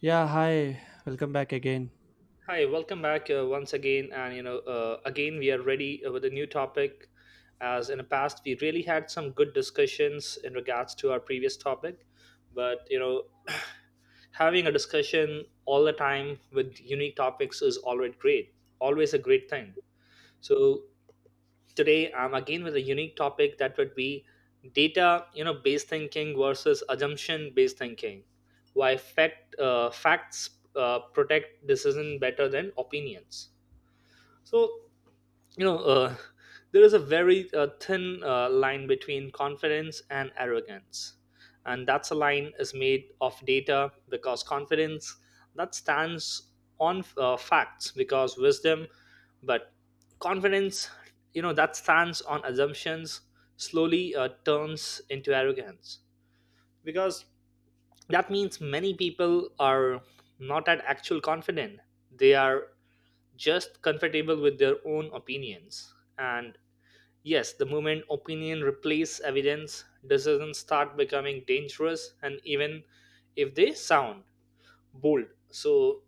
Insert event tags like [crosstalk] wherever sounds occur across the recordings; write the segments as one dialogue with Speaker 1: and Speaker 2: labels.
Speaker 1: Yeah, hi. Welcome back again.
Speaker 2: Hi, welcome back once again, and again we are ready with a new topic. As in the past, we really had some good discussions in regards to our previous topic, but you know, [clears throat] having a discussion all the time with unique topics is always great, always a great thing. So today, I'm again with a unique topic that would be data, you know, based thinking versus assumption based thinking. Why fact facts protect decision better than opinions so, you know, uh, there is a very thin line between confidence and arrogance. And that's a line is made of data because confidence that stands on facts because wisdom, but confidence, you know, that stands on assumptions slowly turns into arrogance because that means many people are not at actual confident. They are just comfortable with their own opinions. And yes, the moment opinion replace evidence, decisions start becoming dangerous, and even if they sound bold. So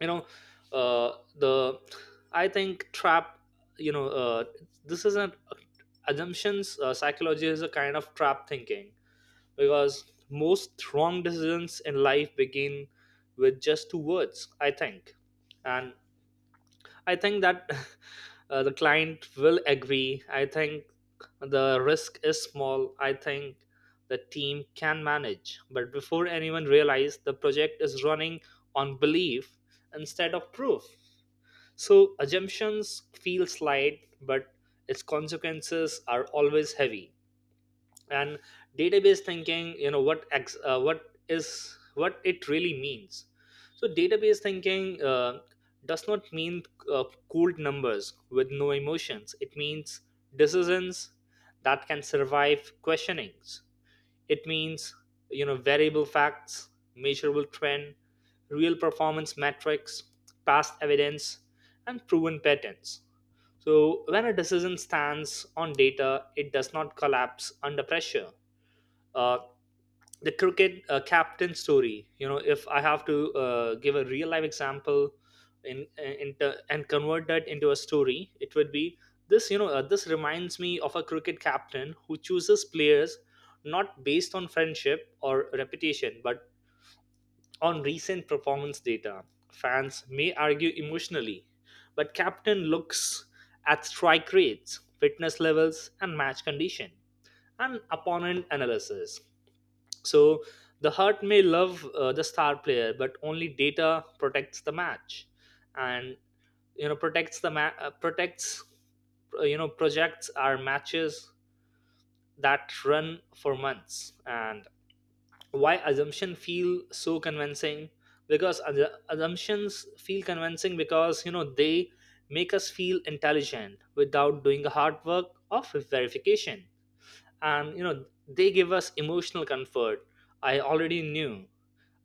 Speaker 2: you know, the I think trap. You know, uh, this isn't assumptions. Psychology is a kind of trap thinking because most wrong decisions in life begin with just two words. I think and I think that [laughs] the client will agree. I think the risk is small. I think the team can manage. But before anyone realizes, the project is running on belief instead of proof. So assumptions feel slight, but its consequences are always heavy and database thinking you know what ex- what is what it really means so database thinking does not mean uh, cold numbers with no emotions, it means decisions that can survive questionings. It means, you know, variable facts, measurable trend, real performance metrics, past evidence, and proven patterns. So when a decision stands on data, it does not collapse under pressure. Uh, the cricket uh, captain story, you know, if I have to give a real life example in and convert that into a story, it would be this. This reminds me of a cricket captain who chooses players not based on friendship or reputation but on recent performance data. Fans may argue emotionally, but captain looks at strike rates, fitness levels, and match condition and opponent analysis. So the heart may love the star player, but only data protects the match, and you know protects the ma- protects you know projects are matches that run for months. And why assumption feel so convincing? Because assu- assumptions feel convincing because you know they make us feel intelligent without doing the hard work of verification, and you know they give us emotional comfort. I already knew,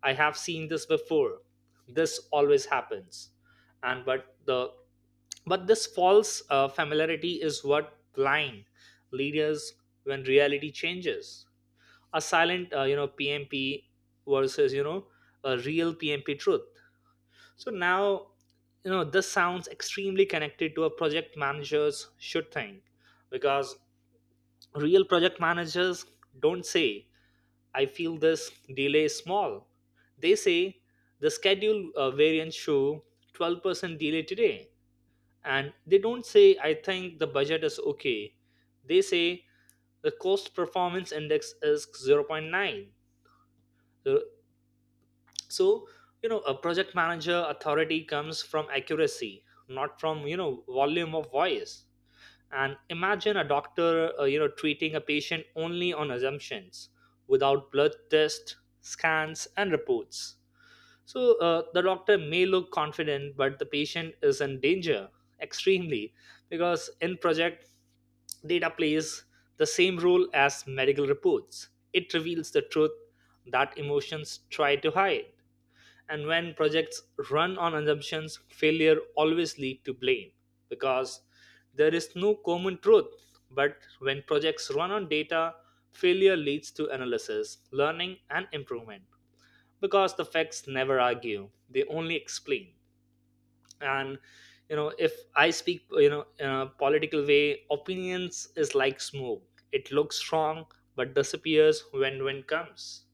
Speaker 2: I have seen this before. This always happens. And but the but this false familiarity is what blind leaders when reality changes. A silent you know PMP versus you know a real PMP truth. So now, you know, this sounds extremely connected to a project manager's should think because real project managers don't say I feel this delay is small. They say the schedule variants show 12% delay today. And they don't say, I think the budget is okay. They say the cost performance index is zero point 0.9. So, so, you know, a project manager authority comes from accuracy, not from, you know, volume of voice. And imagine a doctor, you know, treating a patient only on assumptions without blood tests, scans, and reports. So the doctor may look confident, but the patient is in danger extremely because in project data plays the same role as medical reports. It reveals the truth that emotions try to hide. And when projects run on assumptions, failure always lead to blame because there is no common truth. But when projects run on data, failure leads to analysis, learning, and improvement because the facts never argue, they only explain. And you know, if I speak, you know, in a political way, opinions is like smoke, it looks strong but disappears when wind comes.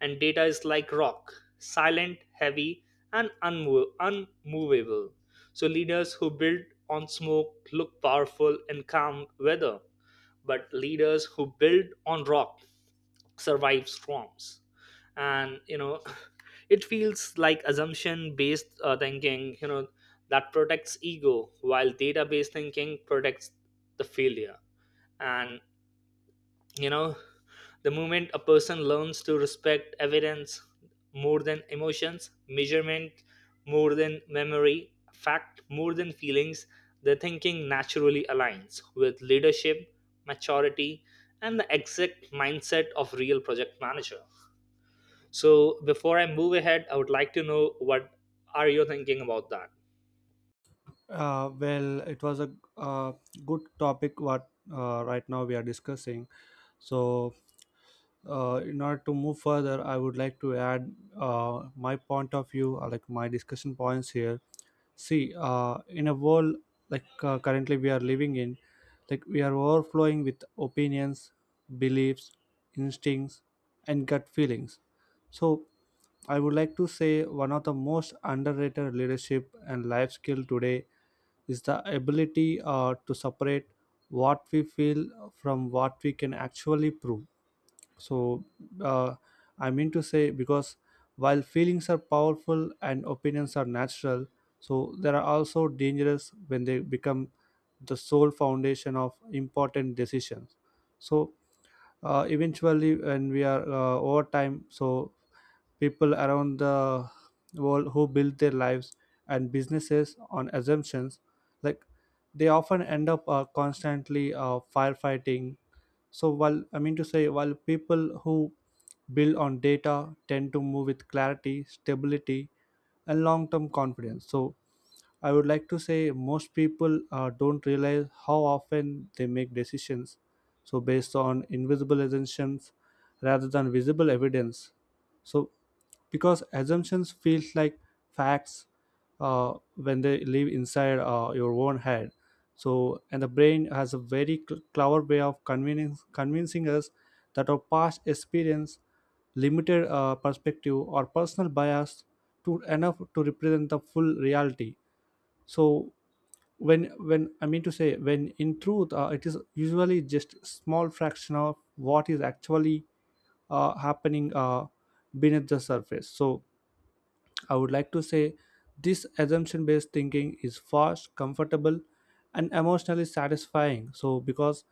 Speaker 2: And data is like rock, silent, heavy, and unmovable. So leaders who build on smoke look powerful in calm weather, but leaders who build on rock survive storms. And you know [laughs] it feels like assumption based thinking, you know, that protects ego while data based thinking protects the failure. And you know, the moment a person learns to respect evidence more than emotions, measurement more than memory, fact more than feelings, their thinking naturally aligns with leadership, maturity, and the exact mindset of real project manager. So before I move ahead, I would like to know what are you thinking about that
Speaker 1: Well, it was a uh, good topic what right now we are discussing. So, in order to move further, I would like to add my point of view, or like my discussion points here. See, in a world like currently we are living in, like we are overflowing with opinions, beliefs, instincts, and gut feelings. So I would like to say one of the most underrated leadership and life skill today is the ability to separate what we feel from what we can actually prove. So, uh, I mean to say, because while feelings are powerful and opinions are natural, so they are also dangerous when they become the sole foundation of important decisions. So, eventually, when we are over time, so people around the world who build their lives and businesses on assumptions, like they often end up constantly firefighting. So, while I mean to say, while people who build on data tend to move with clarity, stability, and long term confidence, so I would like to say most people don't realize how often they make decisions. So, based on invisible assumptions rather than visible evidence. So, because assumptions feel like facts when they live inside your own head. So, and the brain has a very clever way of convincing us that our past experience, limited perspective, or personal bias to enough to represent the full reality. So when I mean to say when in truth, it is usually just small fraction of what is actually happening beneath the surface. So I would like to say this assumption based thinking is fast, comfortable, and emotionally satisfying. So because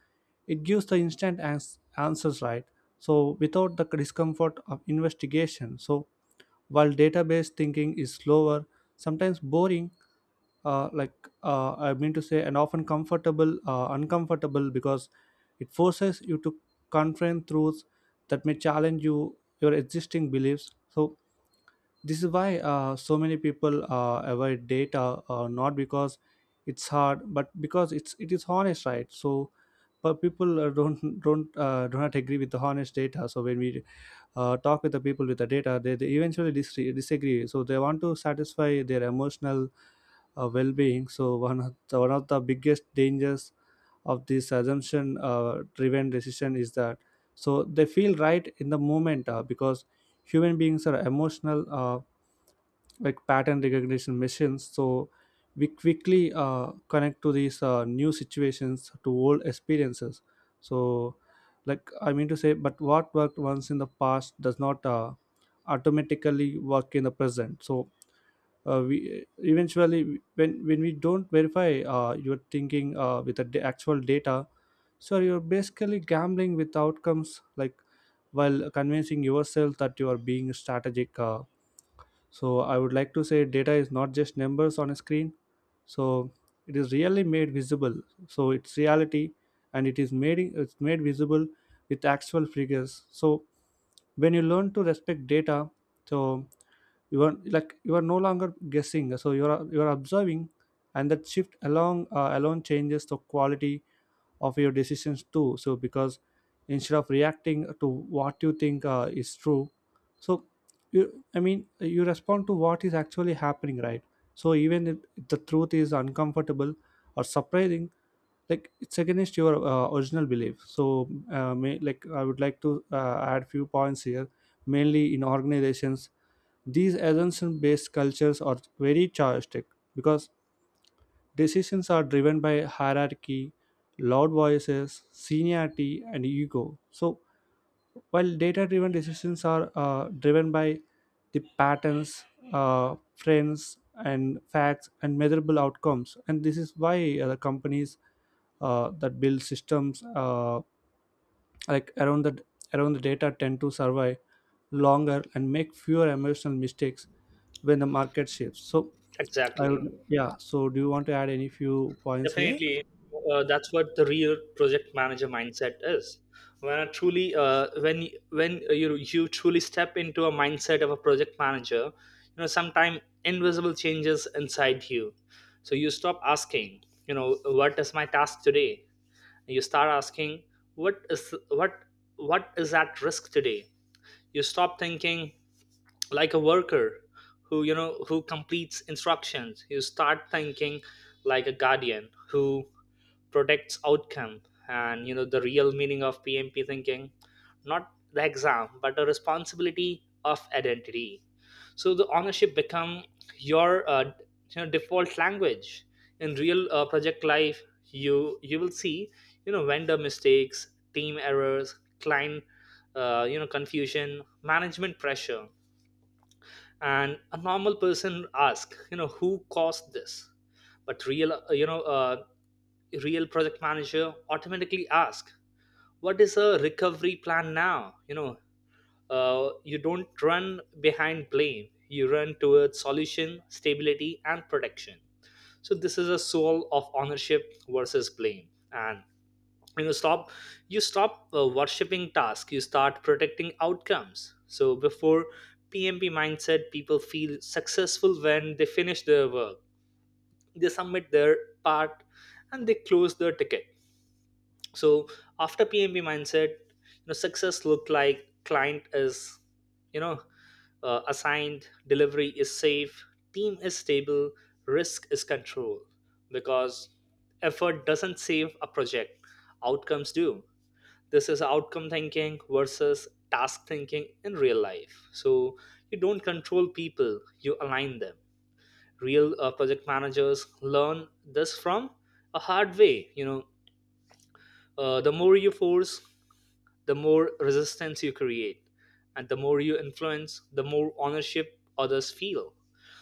Speaker 1: it gives the instant answers, right? So without the discomfort of investigation. So while database thinking is slower, sometimes boring, I mean to say, and often comfortable, uncomfortable, because it forces you to confront truths that may challenge you, your existing beliefs. So this is why, so many people avoid data, not because it's hard, but because it is honest, right? So, but people don't do not agree with the honest data. So when we talk with the people with the data, they eventually disagree. So they want to satisfy their emotional well-being. So one of the biggest dangers of this assumption-driven decision is that so they feel right in the moment, because human beings are emotional, like pattern recognition machines. So we quickly connect to these new situations to old experiences. So, like I mean to say, but what worked once in the past does not automatically work in the present. So we eventually, when we don't verify your thinking with the actual data, so you're basically gambling with outcomes, like while convincing yourself that you are being strategic. So I would like to say data is not just numbers on a screen. So it is really made visible. So it's reality, and it's made visible with actual figures. So when you learn to respect data, so you are like you are no longer guessing. So you are, you are observing, and that shift along alone changes the quality of your decisions too. So because instead of reacting to what you think is true, so you, I mean, you respond to what is actually happening, right? So even if the truth is uncomfortable or surprising, like it's against your original belief. So like I would like to add few points here. Mainly in organizations, these assumption based cultures are very characteristic, because decisions are driven by hierarchy, loud voices, seniority, and ego. So, while data driven decisions are driven by the patterns, trends, and facts and measurable outcomes, and this is why the companies that build systems like around the data tend to survive longer and make fewer emotional mistakes when the market shifts. So I would,
Speaker 2: exactly?
Speaker 1: yeah, so do you want to add any few points here?
Speaker 2: Definitely, that's what the real project manager mindset is. When you truly step into a mindset of a project manager, you know, sometime invisible changes inside you. So you stop asking, you know, what is my task today? You start asking, what is what what is at risk today? You stop thinking like a worker who you know who completes instructions. You start thinking like a guardian who protects outcome. And you know the real meaning of PMP thinking, not the exam but a responsibility of identity. So the ownership become your you know, default language in real project life. You will see, you know, vendor mistakes, team errors, client you know confusion, management pressure. And a normal person ask, you know, who caused this? But real you know real project manager automatically ask, what is a recovery plan now? You know, you don't run behind blame, you run towards solution, stability, and protection. So this is a soul of ownership versus blame. And you know, stop worshipping task, you start protecting outcomes. So before PMP mindset, people feel successful when they finish their work, they submit their part, and they close their ticket. So after PMB mindset, you know, success look like client is, you know, assigned, delivery is safe, team is stable, risk is controlled. Because effort doesn't save a project, outcomes do. This is outcome thinking versus task thinking in real life. So you don't control people, you align them. Real project managers learn this from a hard way. You know, the more you force, the more resistance you create, and the more you influence, the more ownership others feel.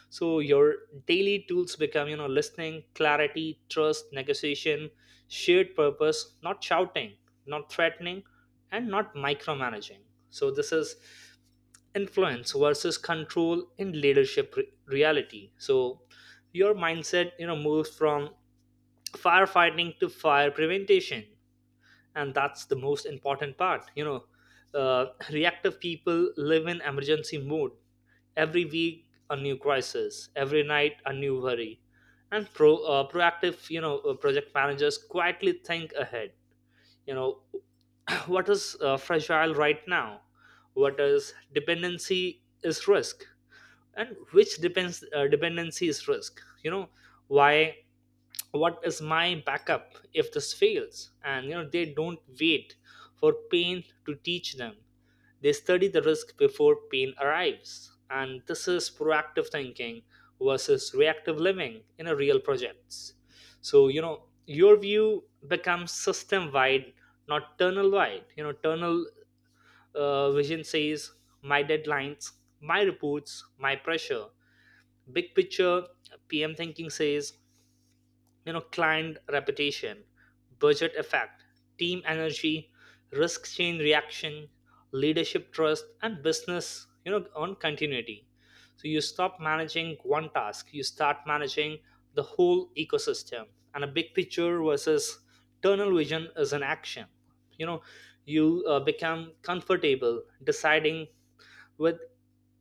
Speaker 2: So your daily tools become, you know, listening, clarity, trust, negotiation, shared purpose. Not shouting, not threatening, and not micromanaging. So this is influence versus control in leadership reality. So your mindset, you know, moves from firefighting to fire prevention. And that's the most important part. You know, reactive people live in emergency mode, every week a new crisis, every night a new worry. And proactive, you know, project managers quietly think ahead. You know, [clears throat] what is fragile right now, what is dependency is risk, and which depends dependency is risk, you know, why, what is my backup if this fails? And you know, they don't wait for pain to teach them, they study the risk before pain arrives. And this is proactive thinking versus reactive living in a real projects. So you know, your view becomes system wide, not tunnel wide. You know, tunnel vision says my deadlines, my reports, my pressure. Big picture PM thinking says, you know, client reputation, budget effect, team energy, risk chain reaction, leadership trust, and business, you know, on continuity. So you stop managing one task, you start managing the whole ecosystem. And a big picture versus tunnel vision is an action, you know. You become comfortable deciding with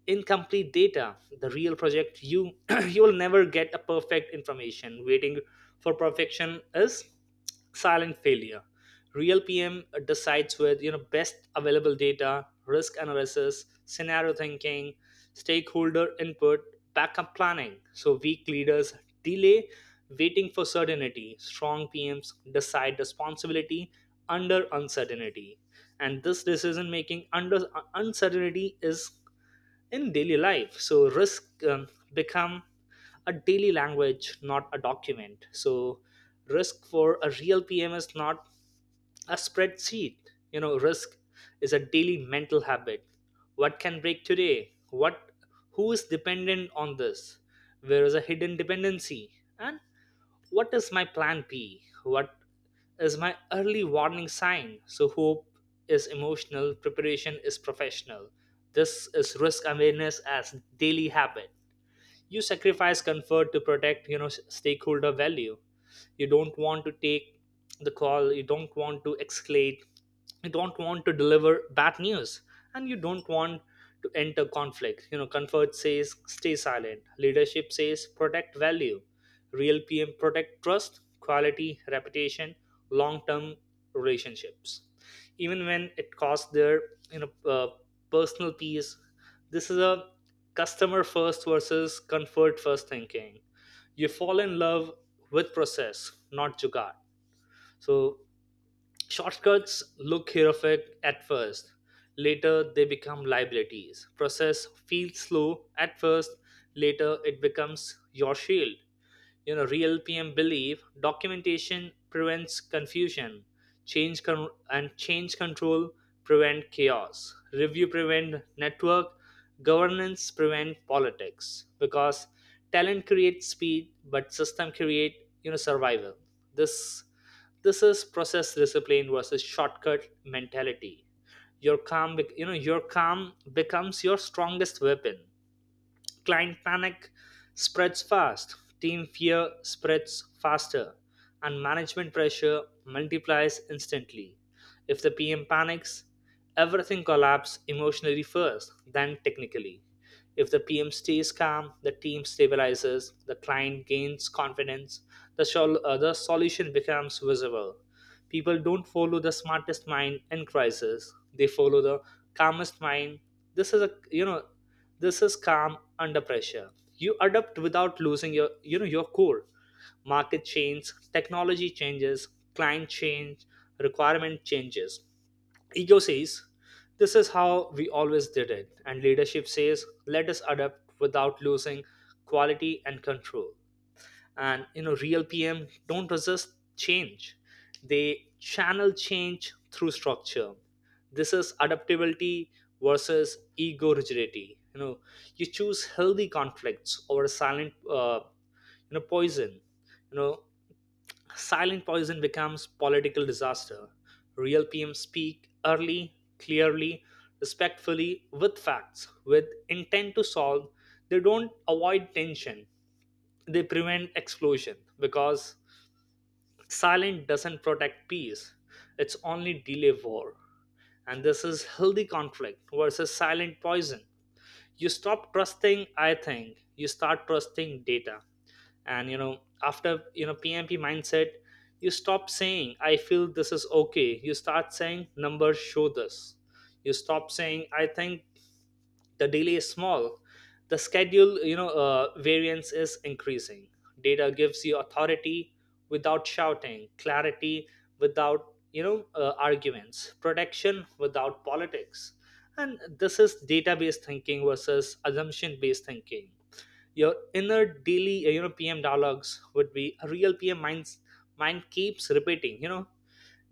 Speaker 2: incomplete data. The real project, you [clears throat] you will never get a perfect information. Waiting for perfection is silent failure. Real PM decides with, you know, best available data, risk analysis, scenario thinking, stakeholder input, backup planning. So weak leaders delay, waiting for certainty. Strong PMs decide responsibility under uncertainty. And this decision making under uncertainty is in daily life. So risk become a daily language, not a document. So risk for a real PM is not a spreadsheet. You know, risk is a daily mental habit. What can break today? What Who is dependent on this? Where is a hidden dependency? And what is my plan B? What is my early warning sign? So, hope is emotional, preparation is professional. This is risk awareness as daily habit. You sacrifice comfort to protect stakeholder value. You don't want to take the call, you don't want to escalate, you don't want to deliver bad news, and you don't want to enter conflict. Comfort says stay silent, leadership says protect value. Real PM protect trust, quality, reputation, long term relationships, even when it costs their you know uh, personal peace. This is a customer first versus comfort first thinking. You fall in love with process, not jugaad. So shortcuts look heroic at first, later they become liabilities. Process feels slow at first, later it becomes your shield. You know real PM believe documentation prevents confusion, and change control prevent chaos, review prevent network, governance prevent politics, because talent creates speed but system create survival. This this is process discipline versus shortcut mentality. Your calm, your calm becomes your strongest weapon. Client panic spreads fast, team fear spreads faster, and management pressure multiplies instantly. If the PM panics, everything collapses emotionally first, then technically. If the PM stays calm, the team stabilizes, the client gains confidence, the solution becomes visible. People don't follow the smartest mind in crisis; they follow the calmest mind. This is a you know this is calm under pressure. You adapt without losing your your core. Market changes, technology changes, client change, requirement changes. Ego says, "This is how we always did it," and leadership says, "Let us adapt without losing quality and control." And real PM don't resist change, they channel change through structure. This is adaptability versus ego rigidity. You choose healthy conflicts over silent you know poison. you know Silent poison becomes political disaster. Real PM speak early, clearly, respectfully, with facts, with intent to solve. They don't avoid tension, they prevent explosion, because silence doesn't protect peace, it's only delay war. And this is healthy conflict versus silent poison. You stop trusting I think you start trusting data. And you know after you know pmp mindset, you stop saying I feel this is okay, you start saying numbers show this. You stop saying I think the delay is small, the schedule you know variance is increasing. Data gives you authority without shouting, clarity without arguments, protection without politics. And this is database thinking versus assumption based thinking. Your inner daily pm dialogues would be a real pm mind keeps repeating.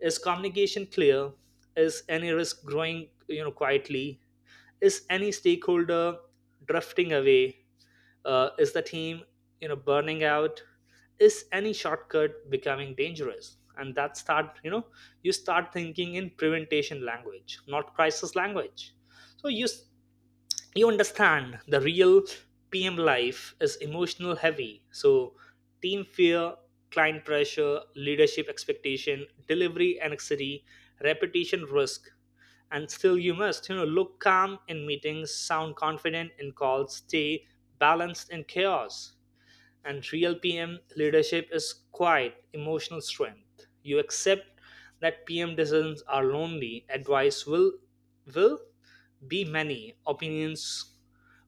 Speaker 2: Is communication clear? Is any risk growing quietly? Is any stakeholder drifting away? Is the team burning out? Is any shortcut becoming dangerous? And that start you know you start thinking in preventation language, not crisis language. So you understand the real PM life is emotional heavy. So, team fear, client pressure, leadership expectation, delivery anxiety, repetition risk, and still you must look calm in meetings, sound confident in calls, stay balanced in chaos. And real PM leadership is quiet emotional strength. You accept that PM decisions are lonely. Advice will be many, opinions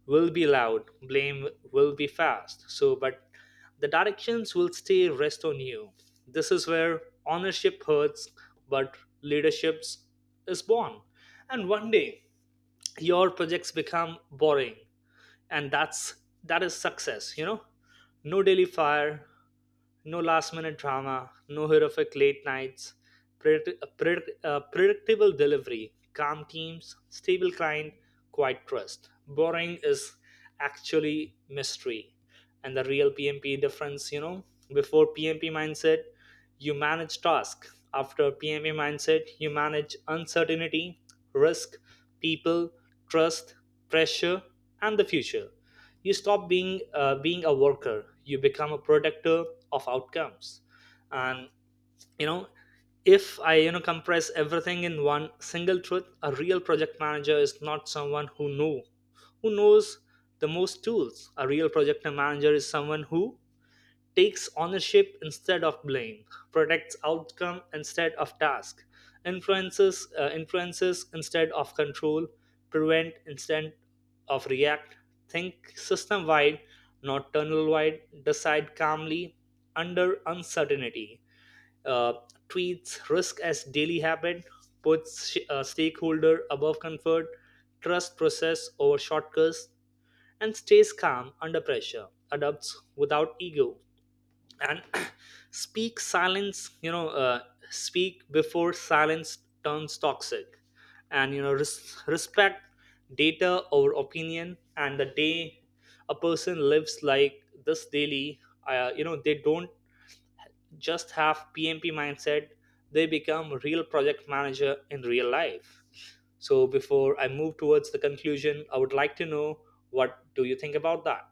Speaker 2: will be loud, blame will be fast. But the directions will stay rest on you. This is where ownership hurts, but leaderships is born. And one day, your projects become boring, and that is success. No daily fire, no last minute drama, no horrific late nights. Predictable delivery, calm teams, stable client, quiet trust. Boring is actually mystery. And the real pmp difference. Before pmp mindset, you manage task. After PMA mindset, you manage uncertainty, risk, people, trust, pressure, and the future. You stop being a worker. You become a protector of outcomes. And you know, if I compress everything in one single truth, a real project manager is not someone who knows the most tools. A real project manager is someone who takes ownership instead of blame, protects outcome instead of task, influences instead of control, prevent instead of react, think system wide, not tunnel wide, decide calmly under uncertainty, uh, treats risk as daily habit, puts stakeholder above comfort, trust process over shortcuts, and stays calm under pressure, adopts without ego, and [clears throat] speak silence you know uh, speak before silence turns toxic, and respect data over opinion. And the day a person lives like this daily, they don't just have pmp mindset, they become real project manager in real life. So before I move towards the conclusion, I would like to know, what do you think about that?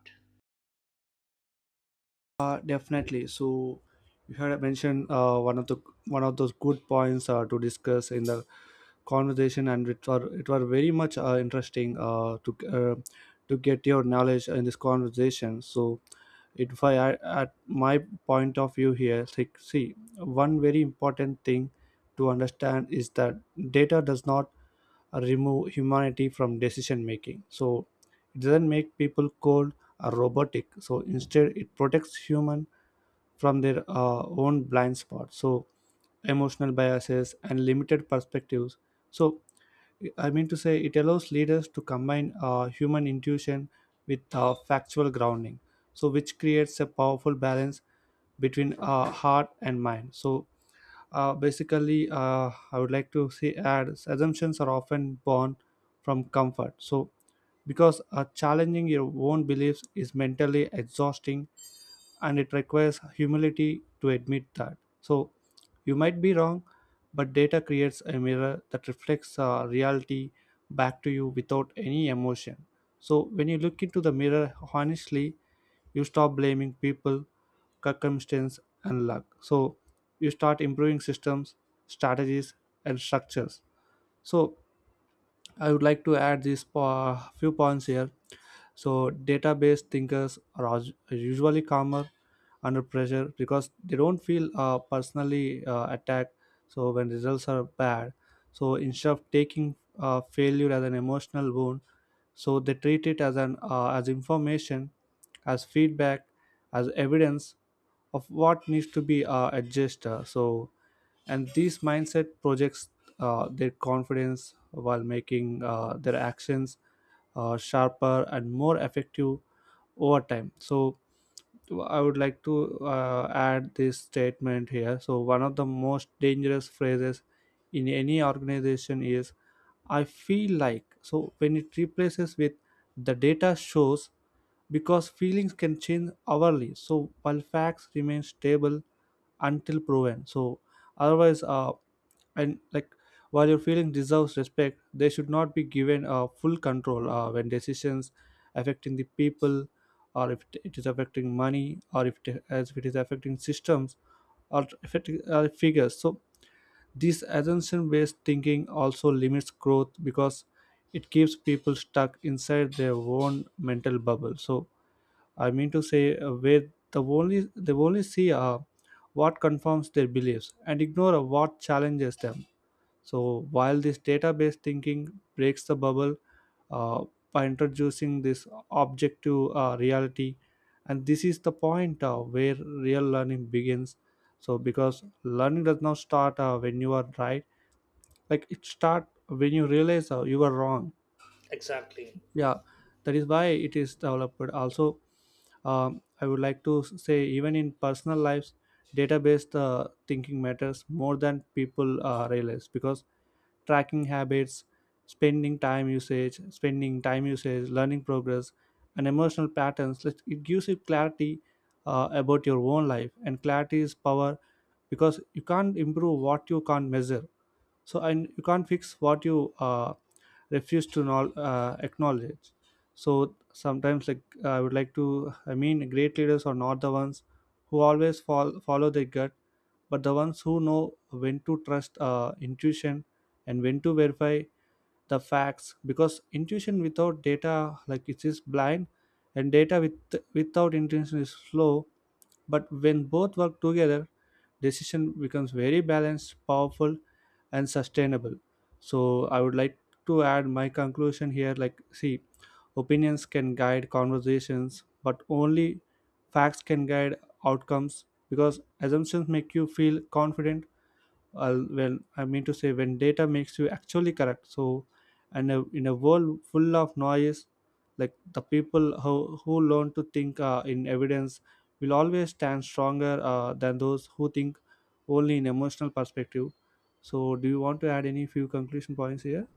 Speaker 1: Definitely. So you had mentioned one of the, one of those good points to discuss in the conversation, and it were very much interesting to get your knowledge in this conversation. So if I at my point of view here, like see, one very important thing to understand is that data does not remove humanity from decision making. So it doesn't make people cold or robotic. So instead it protects human from their own blind spots. So, emotional biases and limited perspectives. So, I mean to say, it allows leaders to combine human intuition with factual grounding. So, which creates a powerful balance between heart and mind. So, basically, I would like to say add assumptions are often born from comfort. So, because challenging your own beliefs is mentally exhausting, and it requires humility to admit that. So you might be wrong, but data creates a mirror that reflects reality back to you without any emotion. So when you look into the mirror honestly, you stop blaming people, circumstance, and luck. So you start improving systems, strategies, and structures. So I would like to add these few points here. So database thinkers are usually calmer under pressure because they don't feel personally attacked. So when results are bad, so instead of taking failure as an emotional wound, so they treat it as an as information, as feedback, as evidence of what needs to be adjusted. So and these mindset projects their confidence while making their actions sharper and more effective over time. So I would like to add this statement here. So, one of the most dangerous phrases in any organization is I feel like. So, when it replaces with the data shows, because feelings can change hourly. So, while facts remain stable until proven. So, otherwise, and like, while your feeling deserves respect, they should not be given full control when decisions affecting the people, or if it is affecting money, or if it, as if it is affecting systems, or affecting figures. So this assumption based thinking also limits growth because it keeps people stuck inside their own mental bubble. So I mean to say, where they only see what confirms their beliefs and ignore what challenges them. So while this database thinking breaks the bubble uh, by introducing this objective reality, and this is the point where real learning begins. So because learning does not start when you are right, like it start when you realize you are wrong.
Speaker 2: Exactly.
Speaker 1: Yeah, that is why it is developed. Also, I would like to say, even in personal lives, database thinking matters more than people realize, because tracking habits, spending time usage, learning progress, and emotional patterns. It gives you clarity about your own life, and clarity is power, because you can't improve what you can't measure. So and you can't fix what you refuse to know, acknowledge. So sometimes, like I would like to, I mean, great leaders are not the ones who always follow their gut, but the ones who know when to trust intuition and when to verify the facts, because intuition without data, like it is blind, and data with without intention is slow, but when both work together, decision becomes very balanced, powerful, and sustainable. So I would like to add my conclusion here, like see, opinions can guide conversations, but only facts can guide outcomes, because assumptions make you feel confident, well I mean to say, when data makes you actually correct. So and in a world full of noise, like the people who learn to think in evidence will always stand stronger than those who think only in emotional perspective. So do you want to add any few conclusion points here?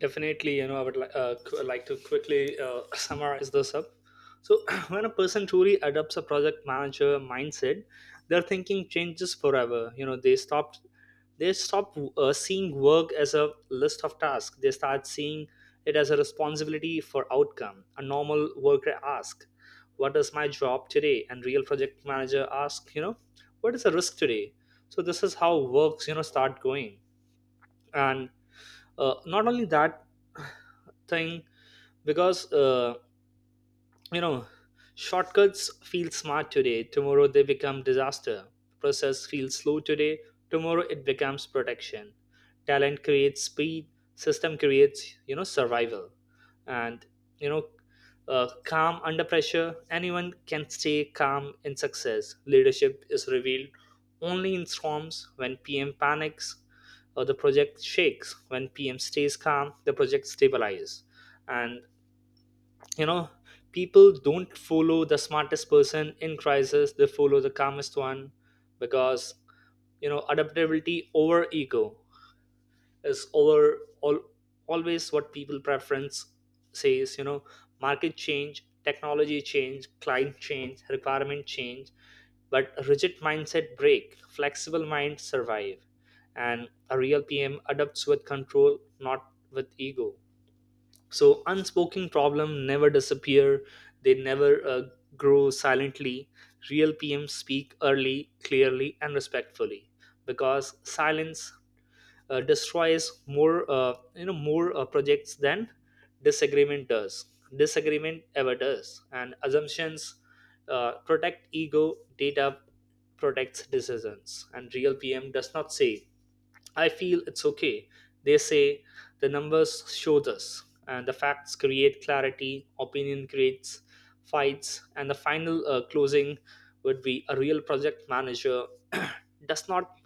Speaker 2: Definitely, you know, I would li- qu- like to quickly [laughs] [clears throat] summarize this up. So, [clears throat] when a person truly adopts a project manager mindset, their thinking changes forever. You know, they stop seeing work as a list of tasks. They start seeing it as a responsibility for outcome. A normal worker ask, "What is my job today?" And real project manager ask, you know, "What is the risk today?" So this is how works, you know, start going. And not only that thing, because you know shortcuts feel smart today, tomorrow they become disaster. Process feels slow today, tomorrow it becomes protection. Talent creates speed, system creates survival. And you know calm under pressure, anyone can stay calm in success. Leadership is revealed only in storms. When pm panics or the project shakes, when pm stays calm the project stabilizes. And you know people don't follow the smartest person in crisis, they follow the calmest one. Because adaptability over ego is over all, always what people preference says. Market change, technology change, client change, requirement change, but a rigid mindset break, flexible mind survive. And a real pm adapts with control, not with ego. So unspoken problem never disappear, they never grow silently. Real pms speak early, clearly, and respectfully, because silence destroys more more projects than disagreement does disagreement ever does. And assumptions protect ego, data protects decisions, and real pm does not say I feel it's okay. They say the numbers show this, and the facts create clarity, opinion creates fights. And the final closing would be, a real project manager [clears throat] does not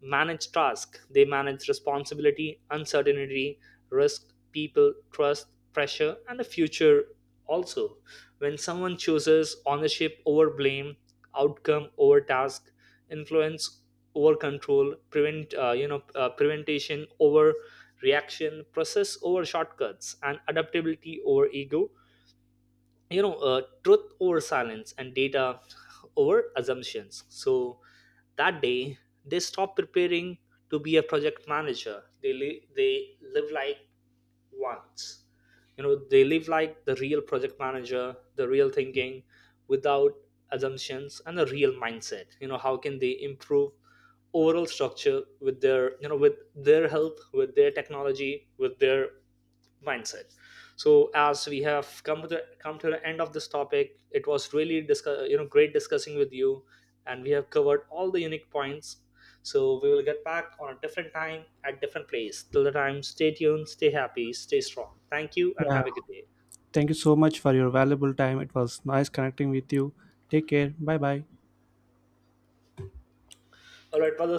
Speaker 2: manage tasks, they manage responsibility, uncertainty, risk, people, trust, pressure, and the future. Also, when someone chooses ownership over blame, outcome over task, influence over control, preventation over reaction, process over shortcuts, and adaptability over ego, truth over silence, and data over assumptions, so that day they stop preparing to be a project manager. They live like wants, you know, they live like the real project manager. The real thinking without assumptions and a real mindset, you know, how can they improve overall structure with their you know with their help, with their technology, with their mindset. So as we have come to the end of this topic, it was really discuss, you know great discussing with you, and we have covered all the unique points. So we will get back on a different time at different place. Till the time, stay tuned, stay happy, stay strong. Thank you and
Speaker 1: Yeah,
Speaker 2: have a good day.
Speaker 1: thank you so much for your valuable time. It was nice connecting with you. Take care, bye bye.
Speaker 2: All right, brothers.